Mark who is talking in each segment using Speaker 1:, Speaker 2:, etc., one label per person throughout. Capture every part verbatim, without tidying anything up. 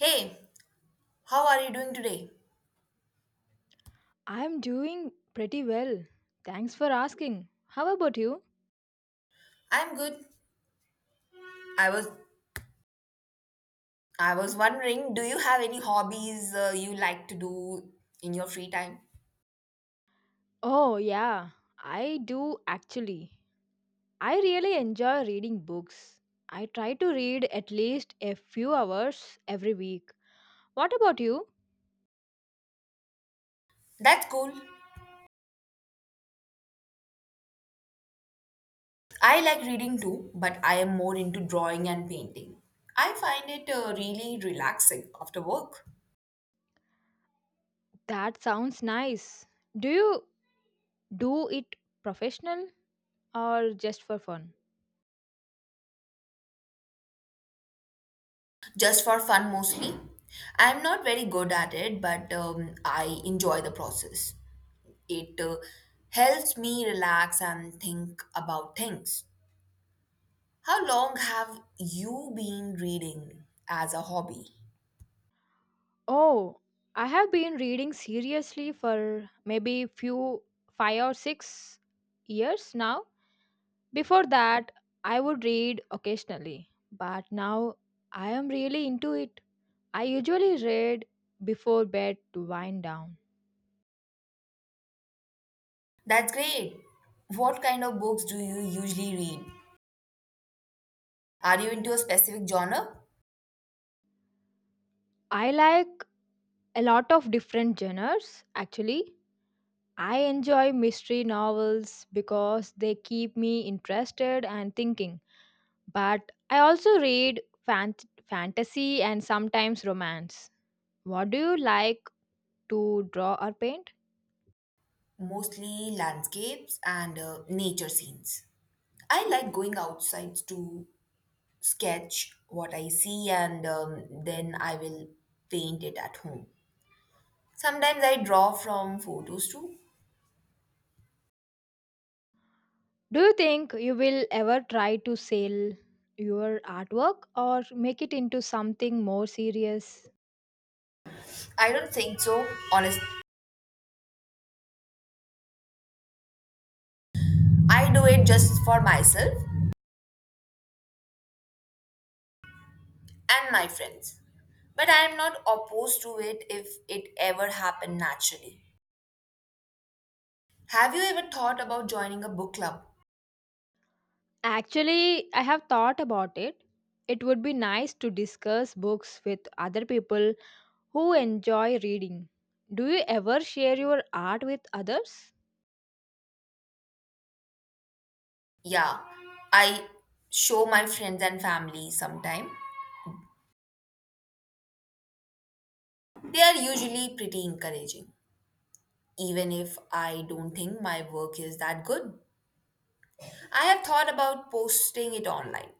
Speaker 1: Hey, how are you doing today?
Speaker 2: I'm doing pretty well. Thanks for asking. How about you?
Speaker 1: I'm good. I was I was wondering, do you have any hobbies uh, you like to do in your free time?
Speaker 2: Oh, yeah, I do actually. I really enjoy reading books. I try to read at least a few hours every week. What about you?
Speaker 1: That's cool. I like reading too, but I am more into drawing and painting. I find it uh, really relaxing after work.
Speaker 2: That sounds nice. Do you do it professional or just for fun?
Speaker 1: Just for fun mostly. I'm not very good at it, but um, I enjoy the process. It uh, helps me relax and think about things. How long have you been reading as a hobby?
Speaker 2: Oh, I have been reading seriously for maybe few five or six years now. Before that, I would read occasionally, but now I am really into it. I usually read before bed to wind down.
Speaker 1: That's great. What kind of books do you usually read? Are you into a specific genre?
Speaker 2: I like a lot of different genres actually. I enjoy mystery novels because they keep me interested and thinking, but I also read fant- fantasy and sometimes romance. What do you like to draw or paint?
Speaker 1: Mostly landscapes and uh, nature scenes. I like going outside to sketch what I see and um, then I will paint it at home. Sometimes I draw from photos too.
Speaker 2: Do you think you will ever try to sell your artwork or make it into something more serious?
Speaker 1: I don't think so, honest. I do it just for myself and my friends. But I am not opposed to it if it ever happened naturally. Have you ever thought about joining a book club?
Speaker 2: Actually, I have thought about it. It would be nice to discuss books with other people who enjoy reading. Do you ever share your art with others?
Speaker 1: Yeah, I show my friends and family sometime. They are usually pretty encouraging, even if I don't think my work is that good. I have thought about posting it online,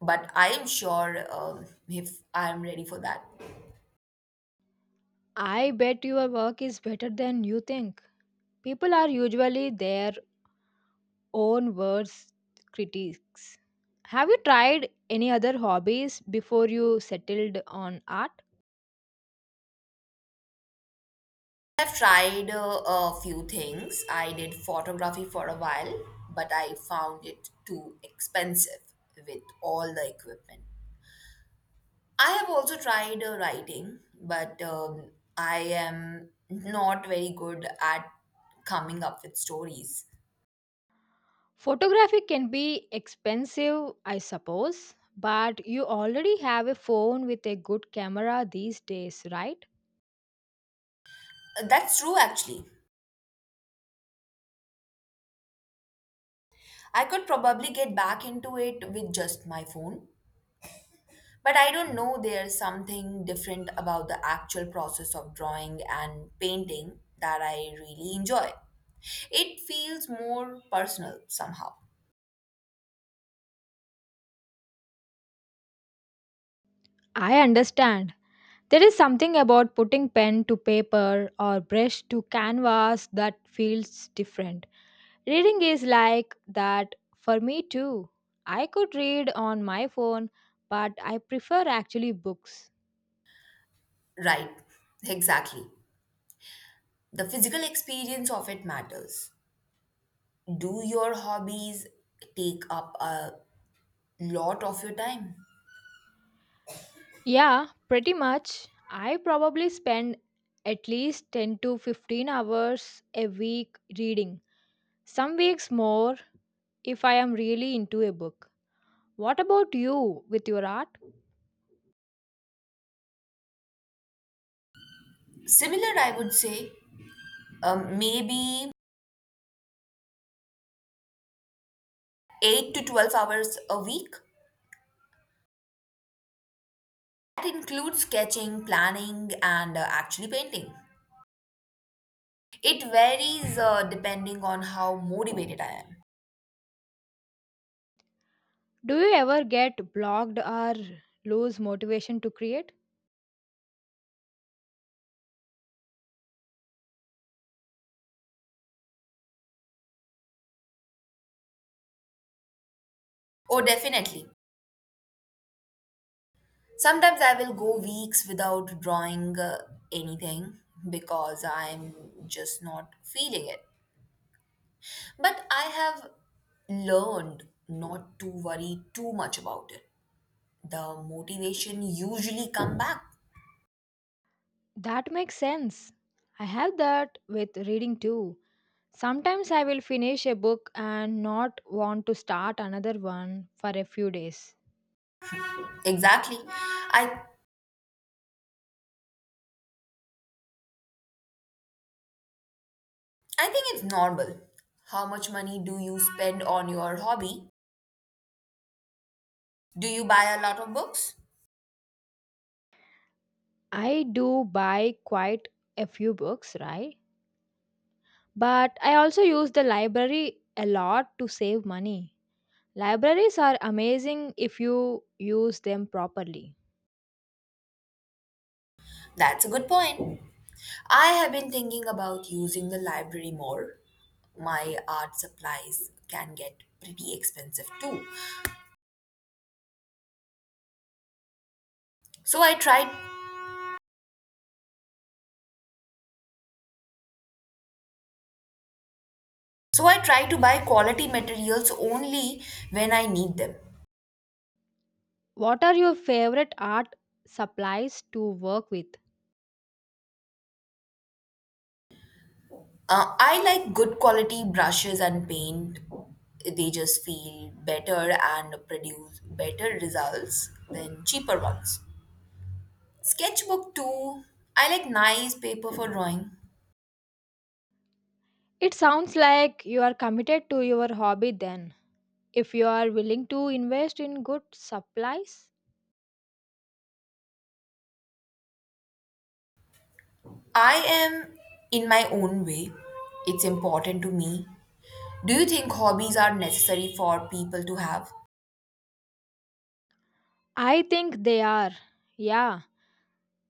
Speaker 1: but I am sure um, if I am ready for that.
Speaker 2: I bet your work is better than you think. People are usually their own worst critics. Have you tried any other hobbies before you settled on art?
Speaker 1: I've tried uh, a few things. I did photography for a while, but I found it too expensive with all the equipment. I have also tried uh, writing, but um, I am not very good at coming up with stories.
Speaker 2: Photography can be expensive, I suppose, but you already have a phone with a good camera these days, right?
Speaker 1: That's true, actually. I could probably get back into it with just my phone, but I don't know, there's something different about the actual process of drawing and painting that I really enjoy. It feels more personal somehow.
Speaker 2: I understand. There is something about putting pen to paper or brush to canvas that feels different. Reading is like that for me too. I could read on my phone, but I prefer actually books.
Speaker 1: Right, exactly. The physical experience of it matters. Do your hobbies take up a lot of your time?
Speaker 2: Yeah, pretty much. I probably spend at least ten to fifteen hours a week reading. Some weeks more if I am really into a book. What about you with your art?
Speaker 1: Similar, I would say. Um, maybe eight to twelve hours a week. That includes sketching, planning, and uh, actually painting. It varies uh, depending on how motivated I am.
Speaker 2: Do you ever get blocked or lose motivation to create?
Speaker 1: Oh, definitely. Sometimes I will go weeks without drawing uh, anything because I'm just not feeling it. But I have learned not to worry too much about it. The motivation usually come back.
Speaker 2: That makes sense. I have that with reading too. Sometimes I will finish a book and not want to start another one for a few days.
Speaker 1: Exactly. I I think it's normal. How much money do you spend on your hobby? Do you buy a lot of books?
Speaker 2: I do buy quite a few books, right? But I also use the library a lot to save money. Libraries are amazing if you use them properly.
Speaker 1: That's a good point. I have been thinking about using the library more. My art supplies can get pretty expensive too. So I try so I try to buy quality materials only when I need them.
Speaker 2: What are your favorite art supplies to work with?
Speaker 1: Uh, I like good quality brushes and paint. They just feel better and produce better results than cheaper ones. Sketchbook too. I like nice paper for drawing.
Speaker 2: It sounds like you are committed to your hobby then, if you are willing to invest in good supplies.
Speaker 1: I am, in my own way. It's important to me. Do you think hobbies are necessary for people to have?
Speaker 2: I think they are. Yeah,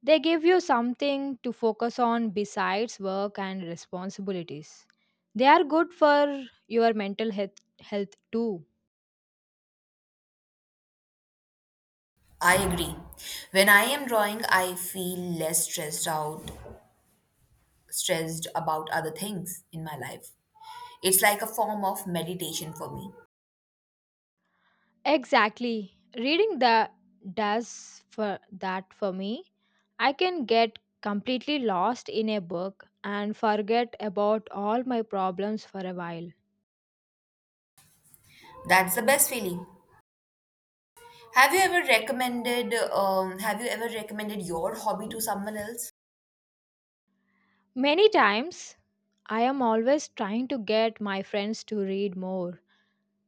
Speaker 2: they give you something to focus on besides work and responsibilities. They are good for your mental health, health too.
Speaker 1: I agree. When I am drawing, I feel less stressed out, stressed about other things in my life. It's like a form of meditation for me.
Speaker 2: Exactly. Reading that does for that for me. I can get completely lost in a book and forget about all my problems for a while.
Speaker 1: That's the best feeling. Have you ever recommended um have you ever recommended your hobby to someone else?
Speaker 2: Many times I am always trying to get my friends to read more.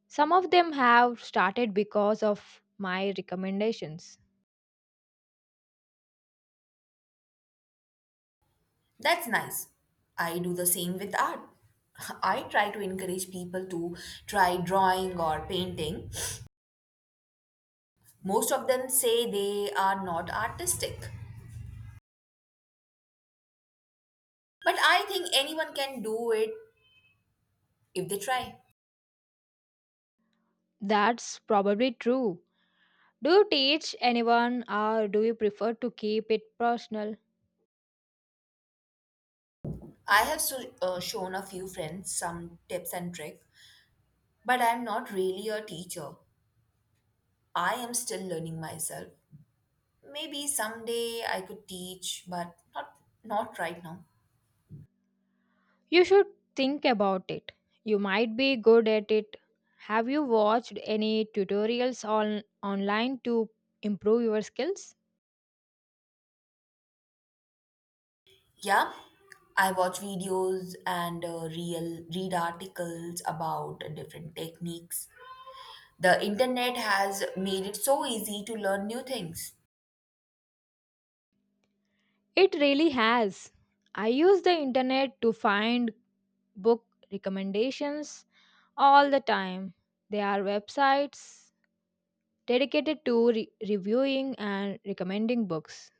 Speaker 2: Some of them have started because of my recommendations.
Speaker 1: That's nice. I do the same with art. I try to encourage people to try drawing or painting. Most of them say they are not artistic, but I think anyone can do it if they try.
Speaker 2: That's probably true. Do you teach anyone or do you prefer to keep it personal?
Speaker 1: I have so, uh, Shown a few friends some tips and tricks, but I am not really a teacher. I am still learning myself. Maybe someday I could teach, but not not right now.
Speaker 2: You should think about it. You might be good at it. Have you watched any tutorials on online to improve your skills?
Speaker 1: Yeah, I watch videos and uh, real read articles about different techniques. The internet has made it so easy to learn new things.
Speaker 2: It really has. I use the internet to find book recommendations all the time. There are websites dedicated to re- reviewing and recommending books.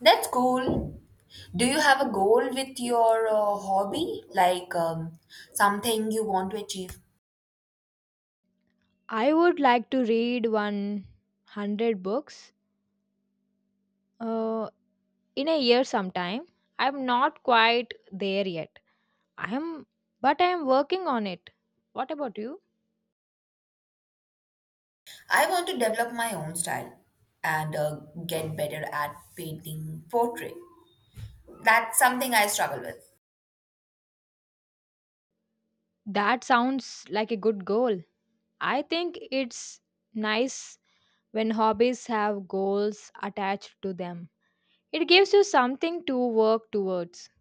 Speaker 1: That's cool. Do you have a goal with your uh, hobby, like, um, something you want to achieve?
Speaker 2: I would like to read one hundred books uh, in a year sometime. I'm not quite there yet. I am, but I am working on it. What about you?
Speaker 1: I want to develop my own style and uh, get better at painting portrait. That's something I struggle with.
Speaker 2: That sounds like a good goal. I think it's nice when hobbies have goals attached to them. It gives you something to work towards.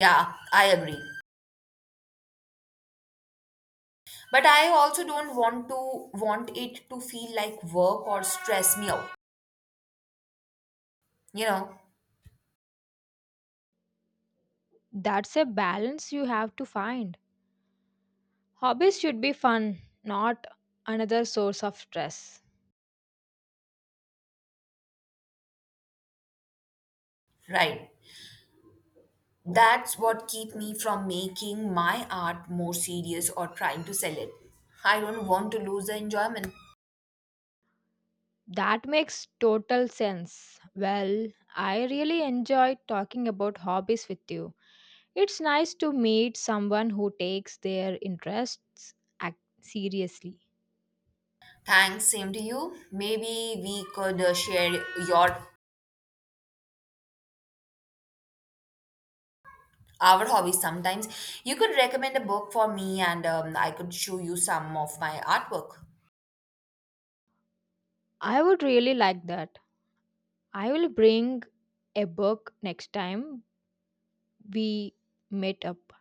Speaker 1: Yeah, I agree. But I also don't want to want it to feel like work or stress me out. You know,
Speaker 2: That's a balance you have to find. Hobbies should be fun, not another source of stress.
Speaker 1: right. That's what keep me from making my art more serious or trying to sell it. I don't want to lose the enjoyment.
Speaker 2: That makes total sense. Well, I really enjoyed talking about hobbies with you. It's nice to meet someone who takes their interests ac- seriously.
Speaker 1: Thanks, same to you. Maybe we could uh, share your our hobbies sometimes. You could recommend a book for me and um, I could show you some of my artwork.
Speaker 2: I would really like that. I will bring a book next time we meet up.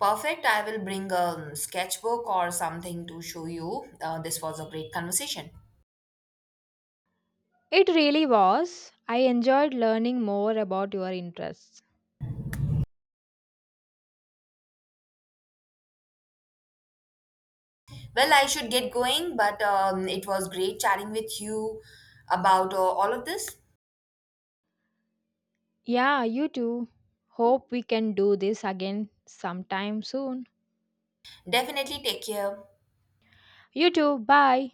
Speaker 1: Perfect. I will bring a sketchbook or something to show you. Uh, this was a great conversation.
Speaker 2: It really was. I enjoyed learning more about your interests.
Speaker 1: Well, I should get going, but um, it was great chatting with you about uh, all of this.
Speaker 2: Yeah, you too. Hope we can do this again sometime soon.
Speaker 1: Definitely. Take care.
Speaker 2: You too. Bye.